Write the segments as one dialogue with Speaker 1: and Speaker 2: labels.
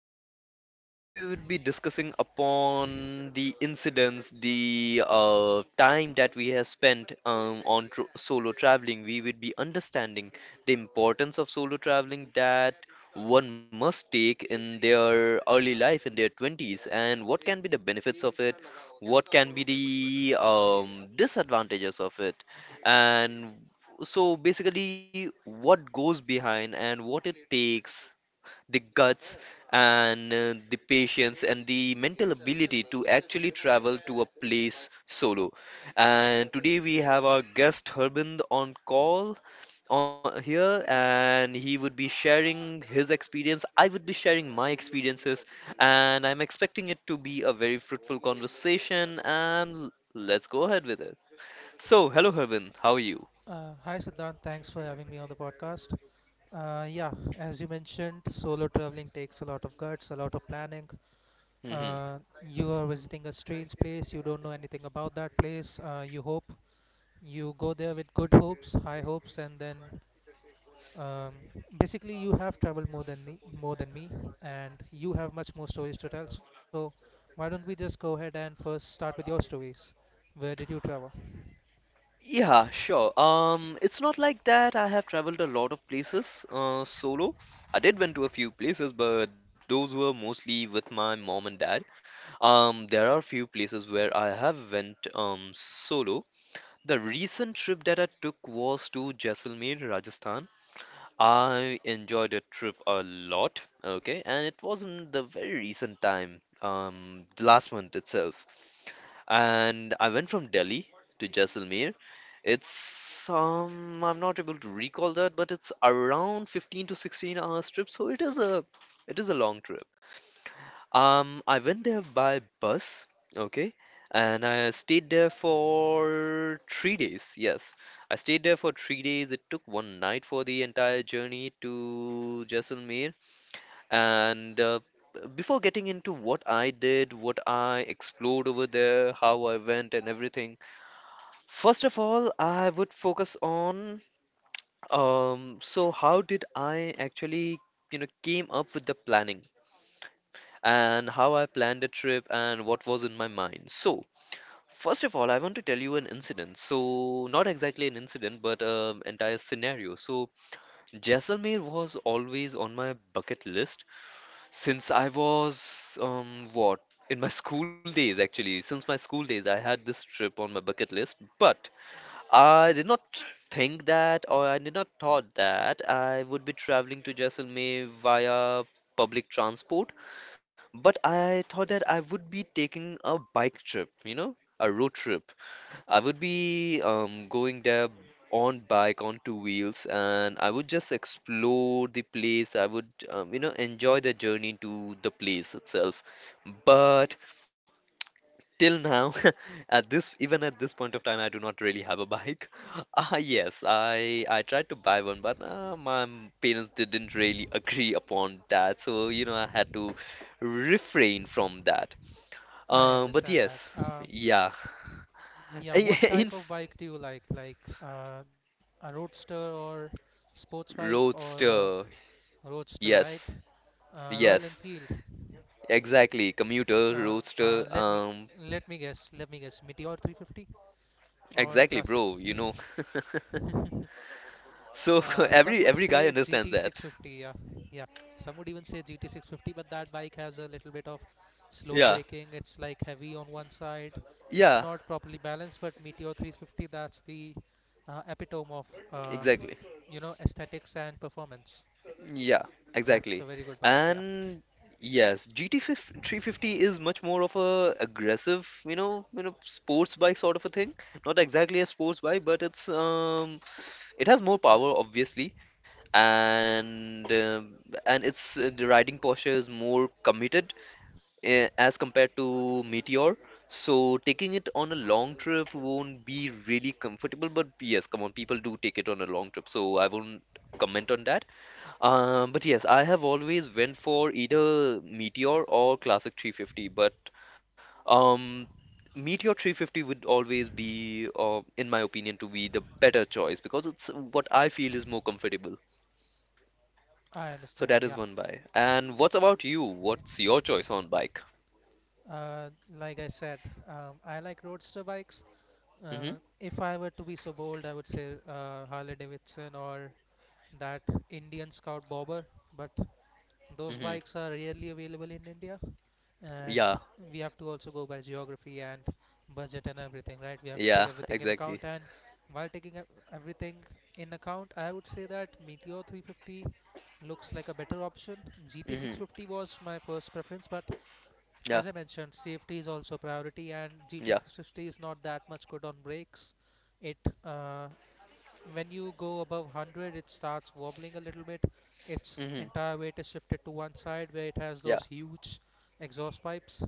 Speaker 1: 20s. Today, we will be discussing upon the incidents, the time that we have spent on tr solo traveling. We will be understanding the importance of solo traveling that one must take in their early life, in their 20s, and what can be the benefits of it, what can be the disadvantages of it and so basically, what goes behind and what it takes, the guts and the patience and the mental ability to actually travel to a place solo. And today we have our guest Harbin on call on here, and he would be sharing his experience. I would be sharing my experiences, and I'm expecting it to be a very fruitful conversation. And let's go ahead with it. So, hello Harbin, how are you?
Speaker 2: Hi, Siddhant. Thanks for having me on the podcast. Yeah, as you mentioned, solo traveling takes a lot of guts, a lot of planning.
Speaker 1: Mm-hmm.
Speaker 2: You are visiting a strange place, you don't know anything about that place. You hope you go there with good hopes, high hopes, and then um, basically you have traveled more than me, and you have much more stories to tell. So why don't we just go ahead and first start with your stories? Where did you travel?
Speaker 1: Yeah, sure. It's not like that. I have traveled a lot of places solo. I did went to a few places, but those were mostly with my mom and dad. There are few places where I have went solo. The recent trip that I took was to Jaisalmer, Rajasthan. I enjoyed a trip a lot, okay, and it was in the very recent time, the last month itself. And I went from Delhi to Jaisalmer. It's I'm not able to recall that, but it's around 15 to 16 hours trip, so it is a long trip. I went there by bus, okay, and I stayed there for 3 days. Yes, I stayed there for 3 days. It took 1 night for the entire journey to Jaisalmer. And before getting into what I did, what I explored over there, how I went, and everything, first of all, I would focus on how did I actually, you know, came up with the planning? And how I planned the trip and what was in my mind. So, first of all, I want to tell you an incident. So, not exactly an incident, but entire scenario. So, Jaisalmer was always on my bucket list since I was what in my school days actually. Since my school days, I had this trip on my bucket list, but I did not think that or I did not thought that I would be traveling to Jaisalmer via public transport, but I thought that I would be taking a bike trip, you know, a road trip. I would be going there on bike, on 2 wheels, and I would just explore the place. I would, you know, enjoy the journey to the place itself. But till now at this, even at this point of time, I do not really have a bike. Ah, yes, I tried to buy one, but my parents didn't really agree upon that, so you know I had to refrain from that.
Speaker 2: I
Speaker 1: um but
Speaker 2: understand that.
Speaker 1: yes yeah
Speaker 2: Yeah, what
Speaker 1: in
Speaker 2: type of
Speaker 1: f-
Speaker 2: bike do you like? Like a roadster or sports bike or a
Speaker 1: Roadster.
Speaker 2: roadster, right?
Speaker 1: Yes.
Speaker 2: Royal
Speaker 1: Yes,
Speaker 2: Enfield.
Speaker 1: exactly, commuter
Speaker 2: Uh, let me
Speaker 1: roadster.
Speaker 2: let me guess. Let me guess. Meteor 350 or
Speaker 1: Exactly,
Speaker 2: classic?
Speaker 1: bro, you know. So
Speaker 2: Some would
Speaker 1: every
Speaker 2: say
Speaker 1: every guy
Speaker 2: GT
Speaker 1: understands that.
Speaker 2: 650. Yeah, yeah. Some would even say GT 650, but that bike has a little bit of slow
Speaker 1: Yeah.
Speaker 2: braking. It's like heavy on one side. It's
Speaker 1: Yeah.
Speaker 2: not properly balanced. But Meteor 350, that's the epitome of
Speaker 1: Exactly.
Speaker 2: aesthetics and performance.
Speaker 1: Yeah,
Speaker 2: That's a
Speaker 1: exactly.
Speaker 2: very good bike. Yeah,
Speaker 1: And yes, GT 5 350 is much more of a aggressive, you know, sports bike sort of a thing. Not exactly a sports bike, but it has more power, obviously, and um and its the riding posture is more committed, as compared to Meteor. So taking it on a long trip won't be really comfortable, but yes, come on, people do take it on a long trip, so I won't comment on that. But yes, I have always went for either Meteor or Classic 350, but um, Meteor 350 would always be, in my opinion, to be the better choice because it's what I feel is more comfortable.
Speaker 2: I
Speaker 1: So
Speaker 2: understand.
Speaker 1: that is
Speaker 2: Yeah.
Speaker 1: one buy. And what about you? What's your choice on bike?
Speaker 2: uh, like I said, I like roadster bikes. uh,
Speaker 1: Hmm.
Speaker 2: if I were to be so bold, I would say Harley Davidson or that Indian Scout Bobber, but those
Speaker 1: Hmm.
Speaker 2: bikes are rarely available in India,
Speaker 1: Yeah,
Speaker 2: and we have to also go by geography and budget and everything, right? We have to take
Speaker 1: yeah,
Speaker 2: everything in
Speaker 1: exactly.
Speaker 2: account, and while taking everything in account, I would say that Meteor 350 looks like a better option. GT
Speaker 1: Hmm.
Speaker 2: 650 was my first preference, but
Speaker 1: Yeah,
Speaker 2: as I mentioned, safety is also priority, and GT
Speaker 1: yeah.
Speaker 2: 650 is not that much good on brakes. It uh, when you go above 100, it starts wobbling a little bit. Its
Speaker 1: Hmm.
Speaker 2: entire weight is shifted to one side where it has
Speaker 1: Yeah.
Speaker 2: those huge exhaust pipes.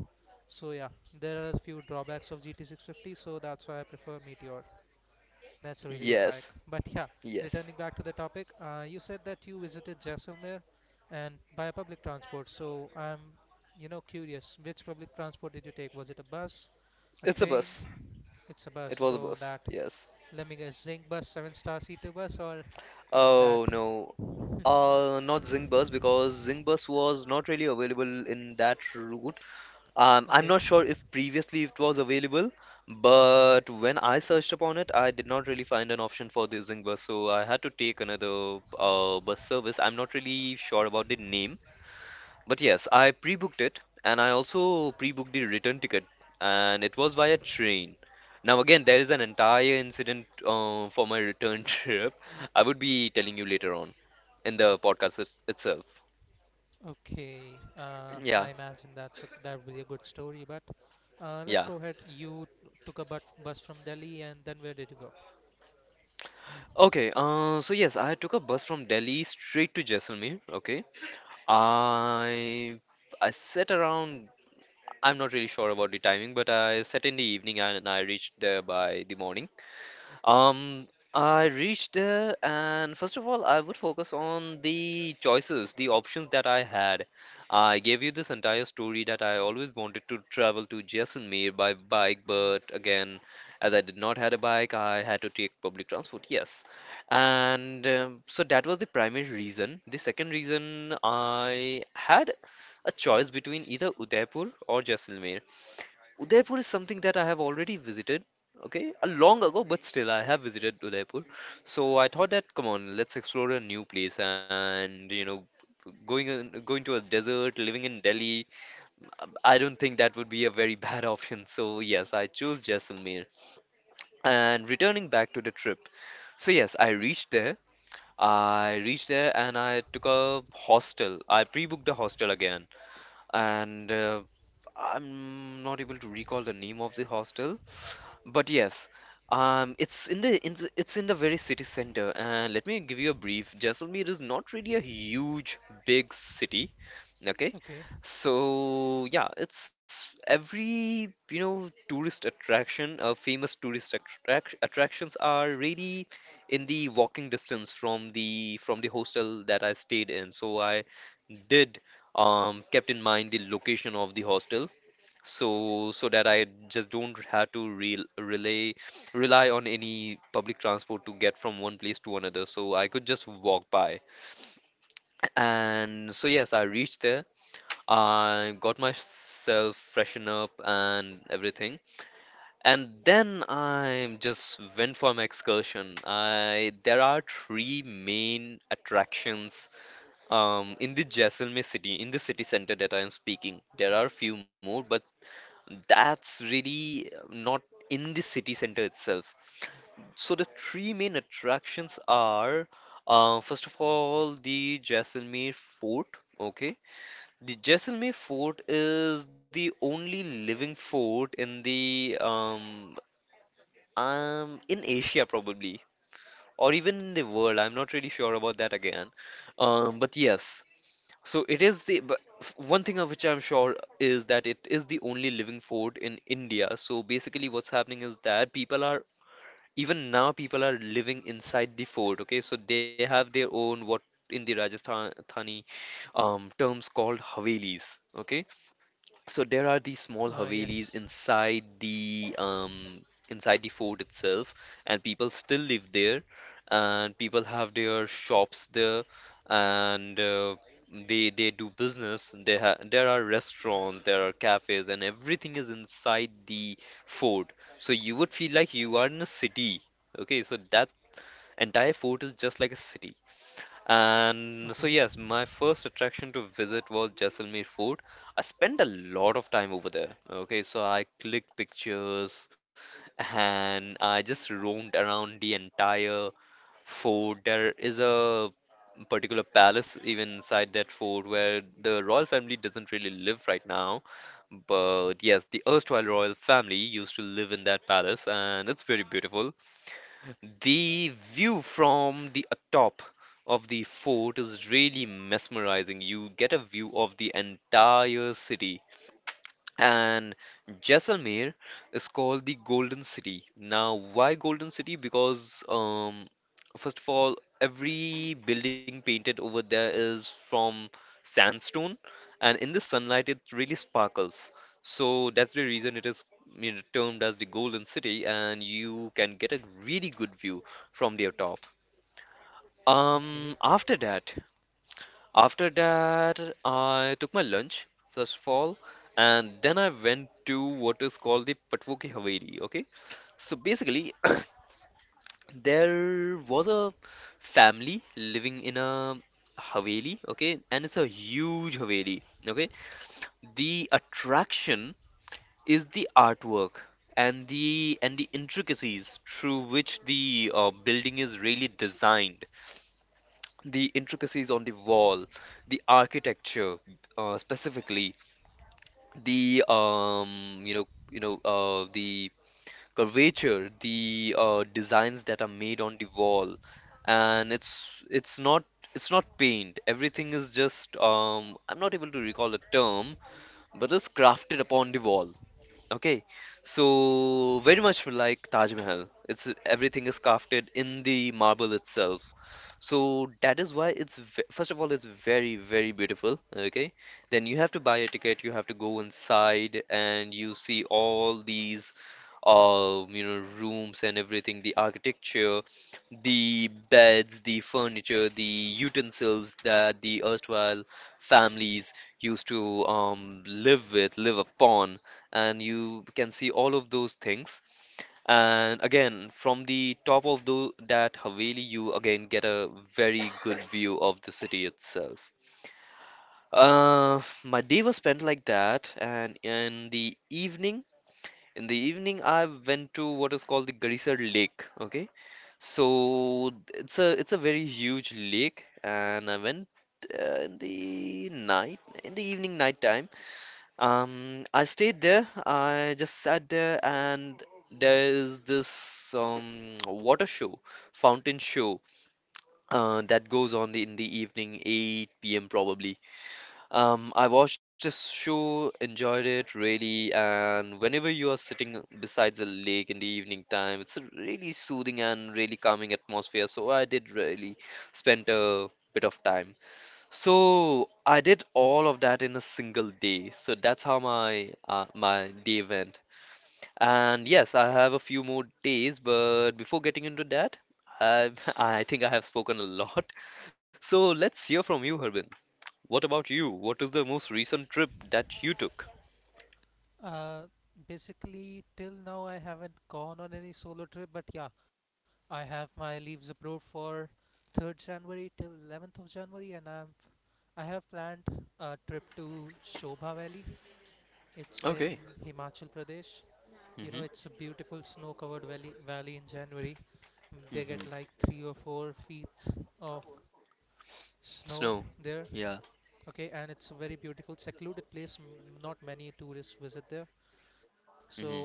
Speaker 2: So yeah, there are a few drawbacks of GT650, so that's why I prefer Meteor. That's a really good bike,
Speaker 1: Yes,
Speaker 2: but yeah.
Speaker 1: yes.
Speaker 2: Returning back to the topic, you said that you visited Jaisalmer and by public transport, so I'm curious which public transport did you take. Was it a bus, a
Speaker 1: It's a
Speaker 2: train?
Speaker 1: bus.
Speaker 2: It's a bus,
Speaker 1: It was a
Speaker 2: so
Speaker 1: bus.
Speaker 2: that.
Speaker 1: Yes.
Speaker 2: Let me guess. Zing Bus, seven star seater bus, or that?
Speaker 1: Oh no. Not Zing, because Zing was not really available in that route. I'm
Speaker 2: Okay,
Speaker 1: not sure if previously it was available, but when I searched upon it, I did not really find an option for the Zing, so I had to take another bus service. I'm not really sure about the name, but yes, I pre-booked it and I also pre-booked the return ticket, and it was via train. Now, again, there is an entire incident for my return trip. I would be telling you later on in the itself.
Speaker 2: okay.
Speaker 1: Yeah,
Speaker 2: I imagine that's a, that would be a good story. But let's
Speaker 1: yeah.
Speaker 2: go ahead. You took a bus from Delhi, and then where did you go?
Speaker 1: Okay, so yes, I took a bus from Delhi straight to Jaisalmer. Okay, I I set around. I'm not really sure about the timing, but I set in the evening and I reached there by the morning. Um, I reached there, and first of all, I would focus on the choices, the options that I had. I gave you this entire story that I always wanted to travel to Jaisalmer by bike, but again, as I did not had a bike, I had to take public transport. Yes, and so that was the primary reason. The second reason, I had a choice between either Udaipur or Jaisalmer. Udaipur is something that I have already visited, okay, a long ago, but still I have visited Udaipur. So I thought that, come on, let's explore a new place, and you know, going to a desert, living in Delhi, I don't think that would be a very bad option. So yes, I chose Jaisalmer. And returning back to the trip, so yes, I reached there. I reached there and I took a hostel. I pre-booked the hostel again, and I'm not able to recall the name of the hostel, but yes, it's in the it's in the very city center. And let me give you a brief. Jaisalmer is not really a huge, big city. Okay,
Speaker 2: Okay.
Speaker 1: so yeah, it's every, you know, tourist attraction, famous tourist attractions are really in the walking distance from the hostel that I stayed in. So I did kept in mind the location of the hostel, so that I just don't have to re relay rely on any public transport to get from one place to another. So I could just walk by. And so yes, I reached there. I got myself freshen up and everything. And then I just went for my excursion. I There are three main attractions in the Jaisalmer city, in the city center that I am speaking. There are a few more, but that's really not in the city center itself. So the three main attractions are first of all, the Jaisalmer Fort. Okay, the Jaisalmer Fort is the only living fort in the in Asia probably or even in the world. I'm not really sure about that again. But yes, so it is the one thing of which I'm sure is that it is the only living fort in India. So basically, what's happening is that people are even now people are living inside the fort. Okay, so they have their own, what in the Rajasthani terms called havelis. Okay, so there are these small
Speaker 2: Yes.
Speaker 1: Havelis inside the fort itself, and people still live there, and people have their shops there, and they do business. They ha There are restaurants, there are cafes, and everything is inside the fort. So you would feel like you are in a city. Okay, so that entire fort is just like a city.
Speaker 2: Okay,
Speaker 1: And so, yes, my first attraction to visit was Jaisalmer Fort. I spent a lot of time over there. Okay, so I clicked pictures and I just roamed around the entire fort. There is a particular palace even inside that fort where the royal family doesn't really live right now. But yes, the erstwhile royal family used to live in that palace and it's very beautiful. The view from the top of the fort is really mesmerizing. You get a view of the entire city, and Jaisalmer is called the Golden City. Now, why Golden City? Because, first of all, every building painted over there is from sandstone, and in the sunlight, it really sparkles. So that's the reason it is, you know, termed as the Golden City, and you can get a really good view from their top.
Speaker 2: okay.
Speaker 1: Um, after that, after that, I took my lunch, first of all, and then I went to what is called the Patvo ki Haveli. Okay, so basically, there was a family living in a Haveli, okay, and it's a huge Haveli, okay. The attraction is the artwork and the intricacies through which the building is really designed, the intricacies on the wall, the architecture specifically the you know the curvature, the designs that are made on the wall. And it's not, it's not paint. Everything is just I'm not able to recall the term, but it's crafted upon the wall. Okay, so very much like Taj Mahal. It's everything is crafted in the marble itself. So that is why it's ve first of all, it's very, very beautiful. Okay, then you have to buy a ticket. You have to go inside and you see all these, rooms and everything. The architecture, the beds, the furniture, the utensils that the erstwhile families used to live with, live upon, and you can see all of those things. And again, from the top of the, that Haveli, you again get a very good view of the city itself. My day was spent like that, and in the evening, I went to what is called the Garisar Lake. Okay, so it's a very huge lake, and I went in the night, in the evening night time. I stayed there. I just sat there, and there is this water show, fountain show, that goes on the, in the evening, 8 p.m. probably. I watched this show, enjoyed it really, and whenever you are sitting besides a lake in the evening time, it's a really soothing and really calming atmosphere. So I did really spend a bit of time. So I did all of that in a single day. So that's how my my day went. And yes, I have a few more days, but before getting into that, I I think I have spoken a lot. So let's hear from you, Harbin. What about you? What is the most recent trip that you took?
Speaker 2: uh, Basically, till now I haven't gone on any solo trip, but yeah, I have my leaves approved for 3rd January till 11th of January, and I have planned a trip to Shobha Valley. It's in
Speaker 1: Okay.
Speaker 2: Himachal Pradesh. You know,
Speaker 1: Hmm.
Speaker 2: it's a beautiful snow-covered valley in January. Mm, they
Speaker 1: Mm-hmm.
Speaker 2: get like 3 or 4 feet of snow
Speaker 1: Snow.
Speaker 2: there.
Speaker 1: Yeah.
Speaker 2: Okay, and it's a very beautiful, secluded place. Not many tourists visit there.
Speaker 1: Hmm.
Speaker 2: So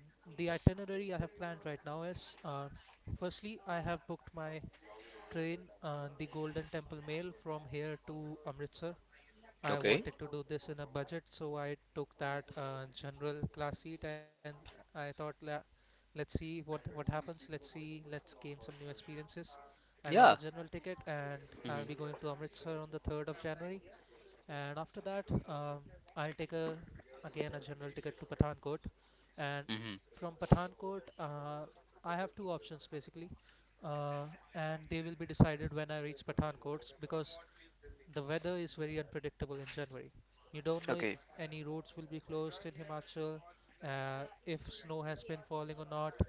Speaker 2: the itinerary I have planned right now is, uh, firstly, I have booked my train, the Golden Temple Mail from here to Amritsar. I
Speaker 1: Okay.
Speaker 2: wanted to do this in a budget, so I took that general class seat, and I thought, let's see what happens. Let's see, let's gain some new experiences. I got a
Speaker 1: Yeah.
Speaker 2: general ticket, and I'll be
Speaker 1: Hmm.
Speaker 2: going to Amritsar on the 3rd of January. And after that, I'll take a again a general ticket to Pathankot, and
Speaker 1: Hmm.
Speaker 2: from Pathankot, I have two options basically, uh, and they will be decided when I reach Pathankot because the weather is very unpredictable in January. You don't know if
Speaker 1: Okay.
Speaker 2: any roads will be closed in Himachal, if snow has been falling or not,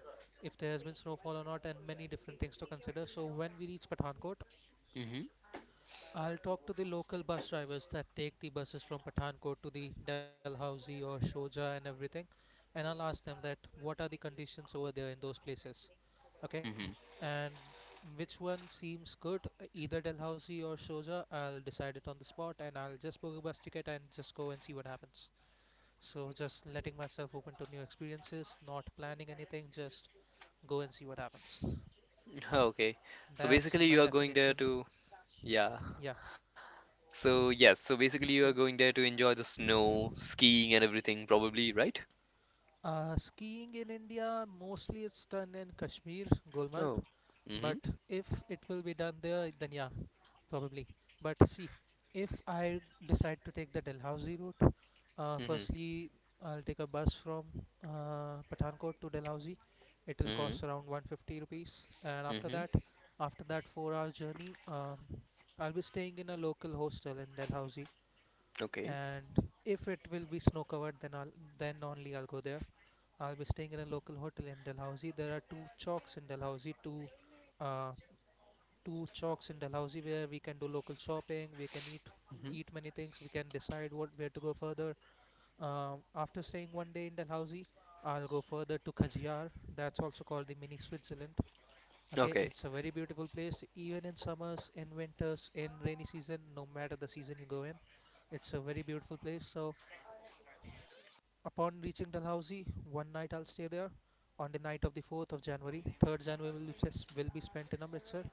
Speaker 2: if there has been snowfall or not, and many different things to consider. So when we reach Pathankot,
Speaker 1: Hmm.
Speaker 2: I'll talk to the local bus drivers that take the buses from Pathankot to the Dalhousie or Shoja and everything, and I'll ask them that what are the conditions over there in those places. Okay,
Speaker 1: Hmm.
Speaker 2: and which one seems good? Either Dalhousie or Soja, I'll decide it on the spot and I'll just book a bus ticket and just go and see what happens. So just letting myself open to new experiences, not planning anything, just go and see what happens.
Speaker 1: Okay. So
Speaker 2: That's in
Speaker 1: basically,
Speaker 2: my
Speaker 1: you are going there
Speaker 2: definition.
Speaker 1: to. Yeah.
Speaker 2: Yeah.
Speaker 1: So, yes, so basically you are
Speaker 2: So
Speaker 1: going there to enjoy the snow, skiing and everything probably, right?
Speaker 2: skiing in India, mostly it's done in Kashmir, Gulmarg.
Speaker 1: Oh.
Speaker 2: But
Speaker 1: Mm-hmm.
Speaker 2: if it will be done there, then yeah, probably. But see, if I decide to take the Dalhousie route,
Speaker 1: Mm-hmm.
Speaker 2: firstly, I'll take a bus from Pathankot to Dalhousie. It will cost
Speaker 1: Mm-hmm.
Speaker 2: around 150 rupees. And
Speaker 1: Mm-hmm.
Speaker 2: after that four-hour journey, I'll be staying in a local hostel in Dalhousie.
Speaker 1: Okay.
Speaker 2: And if it will be snow-covered, then I'll then only I'll go there. I'll be staying in a local hotel in Dalhousie. There are two chalks in Dalhousie, uh, two chalks in Dalhousie where we can do local shopping. We can eat
Speaker 1: Mm-hmm.
Speaker 2: many things. We can decide what where to go further. After staying one day in Dalhousie, I'll go further to Kajiyar. That's also called the mini Switzerland. Okay, it's
Speaker 1: Okay.
Speaker 2: a very beautiful place, even in summers, in winters, in rainy season, no matter the season you go in. It's a very beautiful place. So, upon reaching Dalhousie, one night I'll stay there. On the night of the 4th of January, 3rd January will be spent in Amritsar.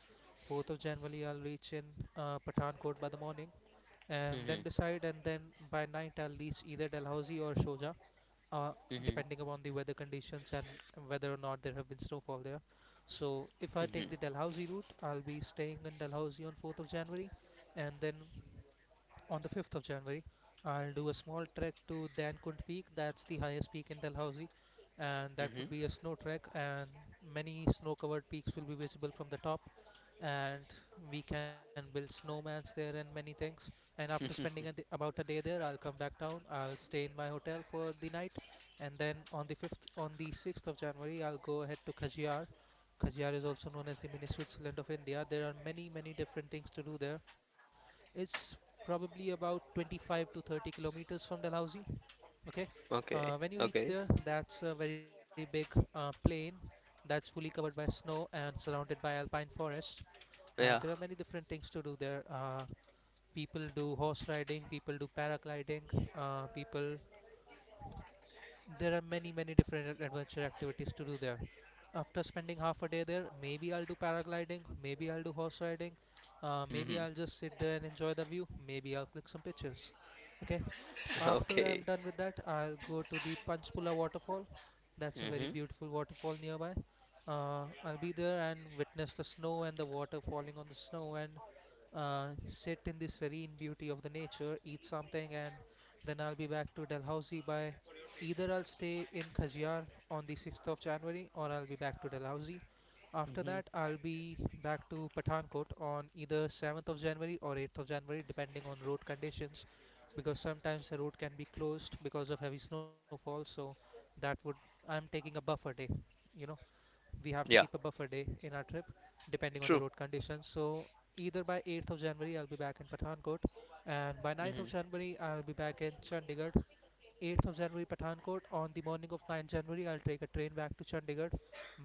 Speaker 2: 4th of January, I'll reach in Pathankot by the morning and
Speaker 1: Mm-hmm.
Speaker 2: then decide. And then by night, I'll reach either Dalhousie or Shoja, uh,
Speaker 1: Mm-hmm.
Speaker 2: depending upon the weather conditions and whether or not there have been snowfall there. So if I
Speaker 1: Mm-hmm.
Speaker 2: take the Dalhousie route, I'll be staying in Dalhousie on 4th of January, and then on the 5th of January. I'll do a small trek to Dankund Peak, that's the highest peak in Dalhousie, and that would
Speaker 1: Mm-hmm.
Speaker 2: be a snow trek. And many snow covered peaks will be visible from the top, and we can build snowmans there and many things. And after spending about a day there, I'll come back down. I'll stay in my hotel for the night, and then on the 6th of January, I'll go ahead to Khajiar. Khajiar is also known as the mini Switzerland of India. There are many, many different things to do there. It's probably about 25 to 30 kilometers from Dalhousie. Okay,
Speaker 1: Okay.
Speaker 2: when you reach there,
Speaker 1: Okay.
Speaker 2: that's a very big plain that's fully covered by snow and surrounded by alpine forest. And there are
Speaker 1: Yeah.
Speaker 2: many different things to do there. People do horse riding, people do paragliding, people there are many many different adventure activities to do there. After spending half a day there, maybe I'll do paragliding, maybe I'll do horse riding, maybe
Speaker 1: Mm-hmm.
Speaker 2: I'll just sit there and enjoy the view, maybe I'll click some pictures. Okay, after I'm
Speaker 1: Okay.
Speaker 2: done with that, I'll go to the Panchpula waterfall. That's a very
Speaker 1: Mm-hmm.
Speaker 2: beautiful waterfall nearby. I'll be there and witness the snow and the water falling on the snow and sit in the serene beauty of the nature, eat something, and then I'll be back to Dalhousie by either I'll stay in Khajiar on the 6th of January or I'll be back to Dalhousie. After
Speaker 1: Mm-hmm.
Speaker 2: that, I'll be back to Pathankot on either 7th of January or 8th of January, depending on road conditions because sometimes the road can be closed because of heavy snowfall. So that would, I'm taking a buffer day, you know, we have to keep a
Speaker 1: Yeah.
Speaker 2: buffer day in our trip depending on the
Speaker 1: True.
Speaker 2: road conditions. So either by 8th of January I'll be back in Pathankot, and by ninth of
Speaker 1: Mm-hmm.
Speaker 2: january I'll be back in Chandigarh. 8th of January Pathankot, on the morning of ninth January I'll take a train back to Chandigarh,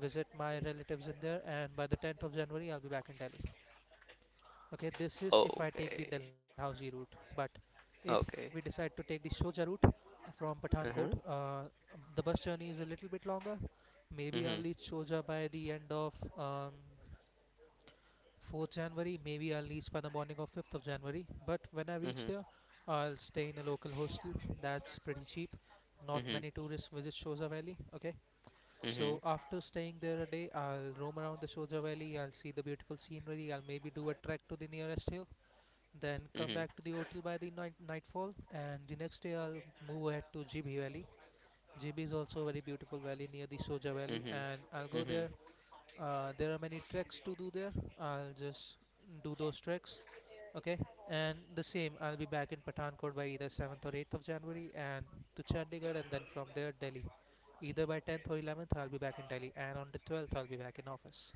Speaker 2: visit my relatives in there, and by the 10th of January I'll be back in Delhi. Okay, this is if I take the
Speaker 1: Okay.
Speaker 2: Dalhousie route, but if we
Speaker 1: Okay.
Speaker 2: decide to take the Shoja route, from Pathankot,
Speaker 1: Uh-huh.
Speaker 2: the bus journey is a little bit longer. Maybe I'll
Speaker 1: Mm-hmm.
Speaker 2: reach Shoja by the end of 4th January. Maybe I'll reach by the morning of 5th of January, but when I reach
Speaker 1: Mm-hmm.
Speaker 2: there, I'll stay in a local hostel. That's pretty cheap. Not
Speaker 1: Mm-hmm.
Speaker 2: many tourists visit Shoja Valley. Okay, so
Speaker 1: Mm-hmm.
Speaker 2: after staying there a day, I'll roam around the Shoja Valley. I'll see the beautiful scenery. I'll maybe do a trek to the nearest hill, then
Speaker 1: Mm-hmm.
Speaker 2: come back to the hotel by the nightfall. And the next day I'll move ahead to GB Valley. GB is also a very beautiful valley near the Soja Valley, and
Speaker 1: Mm-hmm.
Speaker 2: I'll go
Speaker 1: Mm-hmm.
Speaker 2: there. There are many treks to do there. I'll just do those treks. Okay, and the same, I'll be back in Pathankot by either 7th or 8th of January, and to Chandigarh and then from there Delhi. Either by 10th or 11th I'll be back in Delhi, and on the 12th I'll be back in office.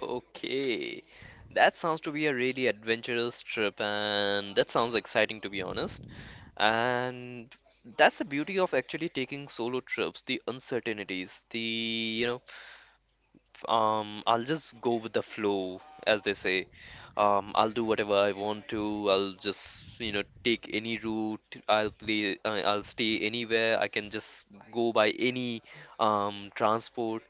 Speaker 1: Okay, that sounds to be a really adventurous trip, and that sounds exciting to be honest. And that's the beauty of actually taking solo trips, the uncertainties, the you know, f- I'll just go with the flow, as they say. I'll do whatever I want to. I'll just take any route. I'll play. I'll stay anywhere. I can just go by any transport.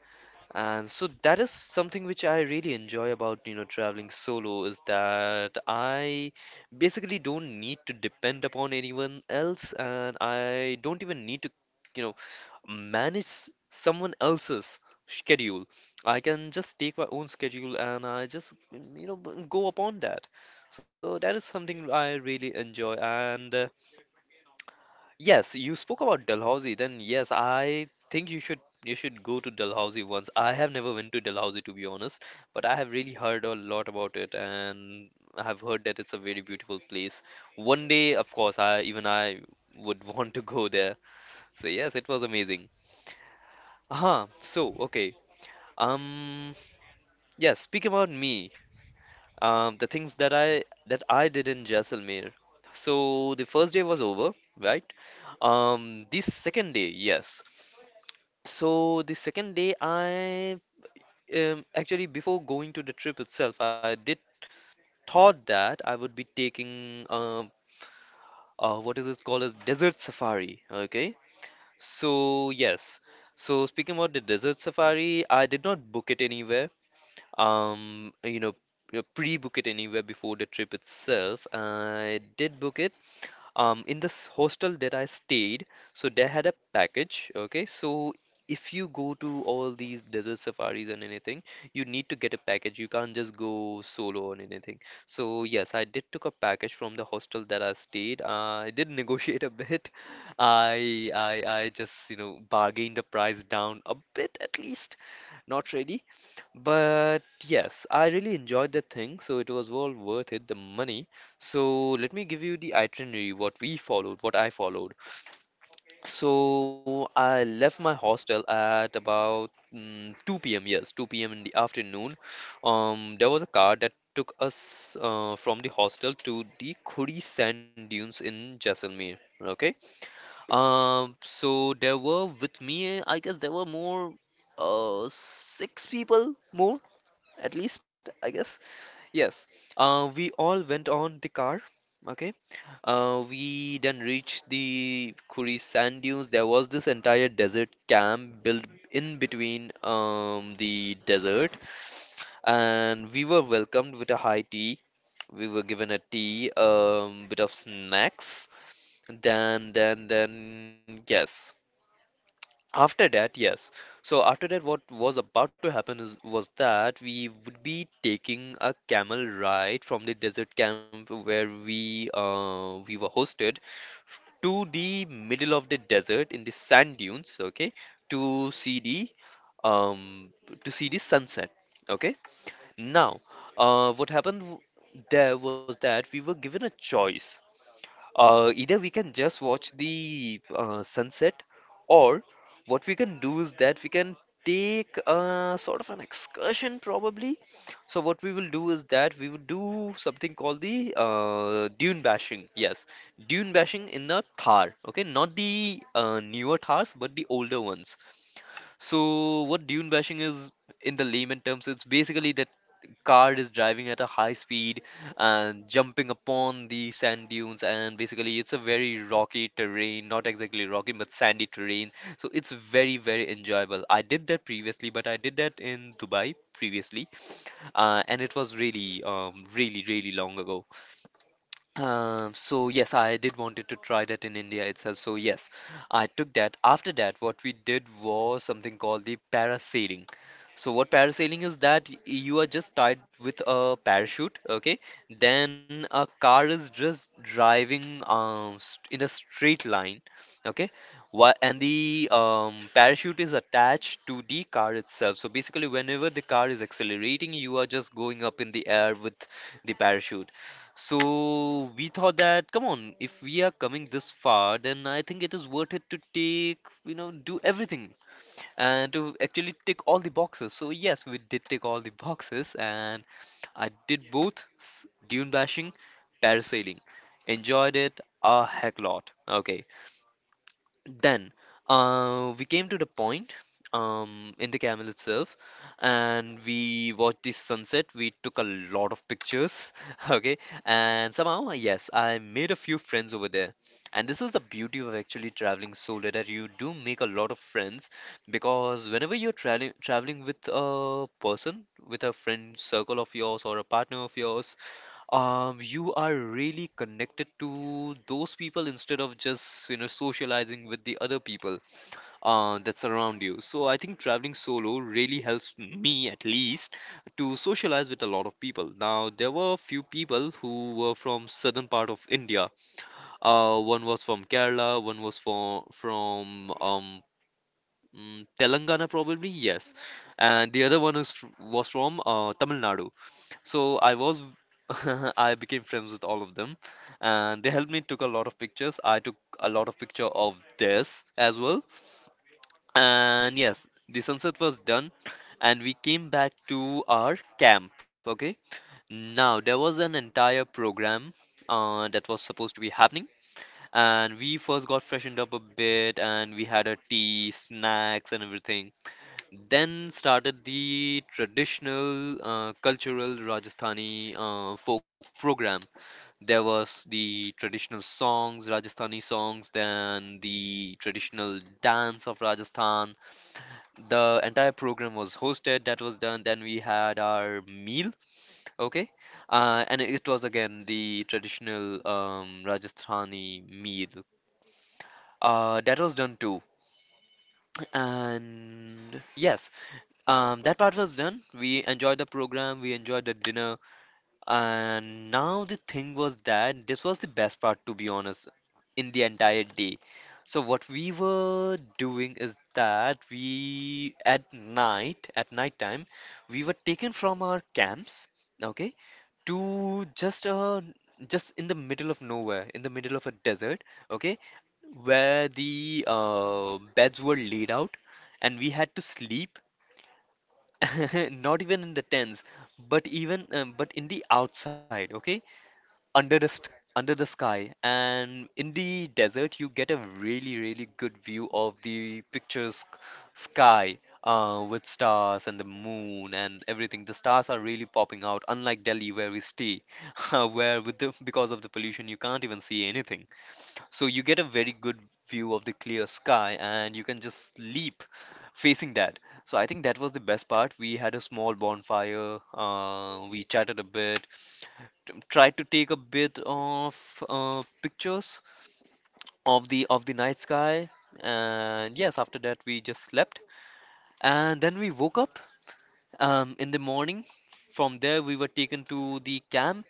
Speaker 1: And so that is something which I really enjoy about, you know, traveling solo, is that I basically don't need to depend upon anyone else, and I don't even need to, you know, manage someone else's schedule. I can just take my own schedule and I just, you know, go upon that. So that is something I really enjoy. And yes, you spoke about Dalhousie. Then yes, I think you should go to Dalhousie once. I have never went to Dalhousie to be honest, but I have really heard a lot about it, and I have heard that it's a very beautiful place. One day, of course, I would want to go there. So yes, it was amazing. Aha, so okay. Um, yeah, speaking about me, the things that I did in Jaisalmer. So the first day was over, right? The second day, yes. So the second day, I actually before going to the trip itself, I did thought that I would be taking what is it called as desert safari. Okay, so yes, so speaking about the desert safari, I did not book it anywhere. Um, you know, pre-book it anywhere before the trip itself. I did book it in this hostel that I stayed, so they had a package. Okay, so if you go to all these desert safaris and anything, you need to get a package. You can't just go solo on anything. So yes, I did took a package from the hostel that I stayed. I did negotiate a bit. I just you know bargained the price down a bit at least. Not really. But yes, I really enjoyed the thing, so it was all worth it, the money. So let me give you the itinerary, what we followed, what I followed. So I left my hostel at about 2 p.m. Yes, 2 p.m. in the afternoon. There was a car that took us from the hostel to the Khudi sand dunes in Jaisalmer. Okay. So there were with me, I guess there were more, six people more at least, I guess. Yes. We all went on the car. Okay. We then reached the Kuri sand dunes. There was this entire desert camp built in between the desert, and we were welcomed with a high tea. We were given a tea, bit of snacks. Yes. After that, yes. So after that, what was about to happen is was that we would be taking a camel ride from the desert camp where we were hosted to the middle of the desert in the sand dunes, okay, to see the um to see the sunset, okay. Now, what happened there was that we were given a choice, either we can just watch the sunset, or what we can do is that we can take a sort of an excursion probably. So what we will do is that we will do something called the dune bashing. Yes, dune bashing in the Thar. Okay, not the newer Thars, but the older ones. So, what dune bashing is, in the layman terms, it's basically that car is driving at a high speed and jumping upon the sand dunes, and basically it's a very rocky terrain, not exactly rocky, but sandy terrain. So it's very, very enjoyable. I did that previously, but I did that in Dubai previously, and it was really, really, really long ago. So yes, I did wanted to try that in India itself. So yes, I took that. After that, what we did was something called the parasailing. So what parasailing is that you are just tied with a parachute, okay? Then a car is just driving st in a straight line, okay? Wha and the parachute is attached to the car itself. So basically, whenever the car is accelerating, you are just going up in the air with the parachute. So we thought that, come on, if we are coming this far, then I think it is worth it to take, you know, do everything and to actually tick all the boxes. So yes, we did tick all the boxes and I did both dune bashing, parasailing. Enjoyed it a heck lot. Okay. Then we came to the point in the camel itself, and we watched the sunset. We took a lot of pictures, okay? And somehow, yes, I made a few friends over there. And this is the beauty of actually traveling solo, that you do make a lot of friends, because whenever you're traveling with a person, with a friend circle of yours or a partner of yours, you are really connected to those people instead of just, you know, socializing with the other people that surround you. So I think traveling solo really helps me at least to socialize with a lot of people. Now, there were a few people who were from southern part of India. One was from Kerala, one was from Telangana probably, yes. And the other one is, was from Tamil Nadu. So I was, I became friends with all of them, and they helped me took a lot of pictures. I took a lot of picture of theirs as well. And yes, the sunset was done, and we came back to our camp. Okay. Now there was an entire program that was supposed to be happening, and we first got freshened up a bit, and we had a tea, snacks, and everything. Then started the traditional cultural Rajasthani folk program. There was the traditional songs, Rajasthani songs, then the traditional dance of Rajasthan. The entire program was hosted, that was done. Then we had our meal, okay? And it was again the traditional Rajasthani meal. That was done too. And yes, that part was done. We enjoyed the program, we enjoyed the dinner, and now the thing was that this was the best part, to be honest, in the entire day. So what we were doing is that we at night time, we were taken from our camps, okay, to just in the middle of nowhere, in the middle of a desert, okay, where the beds were laid out, and we had to sleep. Not even in the tents, but even but in the outside, okay? Under the st Under the sky, and in the desert, you get a really really good view of the picture's sky with stars and the moon and everything. The stars are really popping out, unlike Delhi where we stay, where with the because of the pollution you can't even see anything. So you get a very good view of the clear sky and you can just leap facing that. So I think that was the best part. We had a small bonfire, we chatted a bit, tried to take a bit of pictures of the night sky. And yes, after that we just slept and then we woke up in the morning. From there we were taken to the camp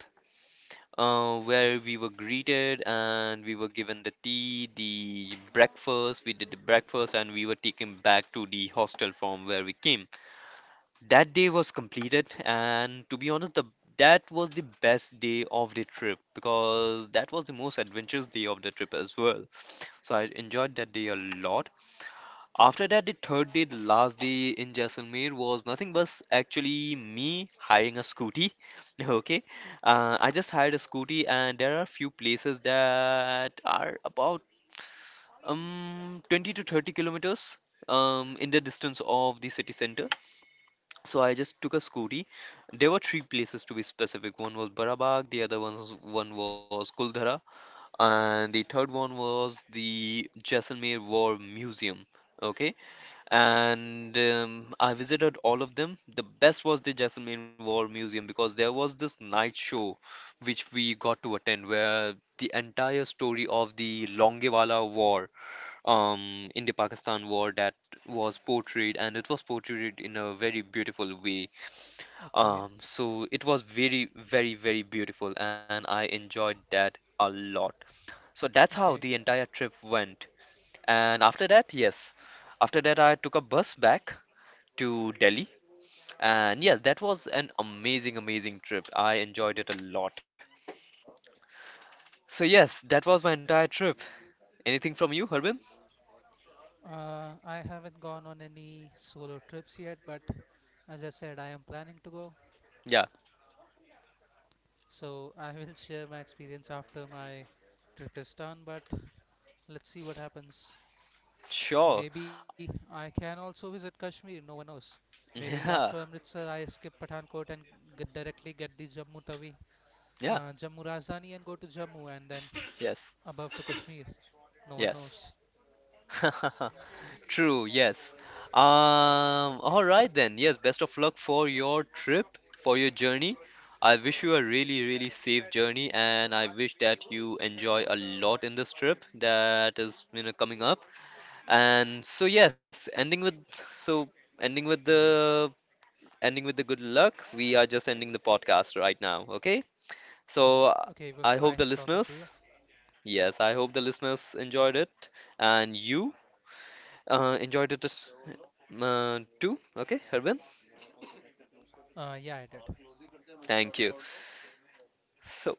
Speaker 1: where we were greeted and we were given the tea, the breakfast. We did the breakfast and we were taken back to the hostel from where we came. That day was completed, and to be honest, the that was the best day of the trip because that was the most adventurous day of the trip as well. So I enjoyed that day a lot. After that, the third day, the last day in Jaisalmer was nothing but actually me hiring a scooty. Okay, I just hired a scooty, and there are few places that are about 20 to 30 kilometers in the distance of the city center. So I just took a scooty. There were three places to be specific. One was Barabag, the other one was Kuldhara, and the third one was the Jaisalmer War Museum. Okay, and I visited all of them. The best was the Jaisalmer War Museum because there was this night show which we got to attend where the entire story of the Longewala War, in the Pakistan War that was portrayed, and it was portrayed in a very beautiful way.
Speaker 2: Okay,
Speaker 1: So it was very, very, very beautiful and I enjoyed that a lot. So that's how the
Speaker 2: okay.
Speaker 1: entire trip went. And after that, yes, after that I took a bus back to Delhi. And yes, that was an amazing, amazing trip. I enjoyed it a lot. So, yes, that was my entire trip. Anything from you, Harbin?
Speaker 2: I haven't gone on any solo trips yet, but as I said, I am planning to go,
Speaker 1: Yeah,
Speaker 2: so I will share my experience after my trip is done. But let's see what happens.
Speaker 1: sure.
Speaker 2: Maybe I can also visit Kashmir. No one knows. Maybe after Amritsar, I skip Pathankot and get directly get the Jammu Tawi,
Speaker 1: Yeah, yeah,
Speaker 2: Jammu Rajdhani, and go to Jammu and then
Speaker 1: yes,
Speaker 2: above to Kashmir. No one
Speaker 1: yes.
Speaker 2: knows.
Speaker 1: True, yes. Um, all right then. Yes, best of luck for your trip, for your journey. I wish you a really, really safe journey, and I wish that you enjoy a lot in this trip that is, you know, coming up. And so yes, so ending with the ending with the good luck, we are just ending the podcast right now, okay? So
Speaker 2: Okay, it was
Speaker 1: I hope the
Speaker 2: nice talking to you.
Speaker 1: listeners, yes, I hope the listeners enjoyed it and you enjoyed it too, okay, Harbin?
Speaker 2: Yeah, I did.
Speaker 1: Thank you. So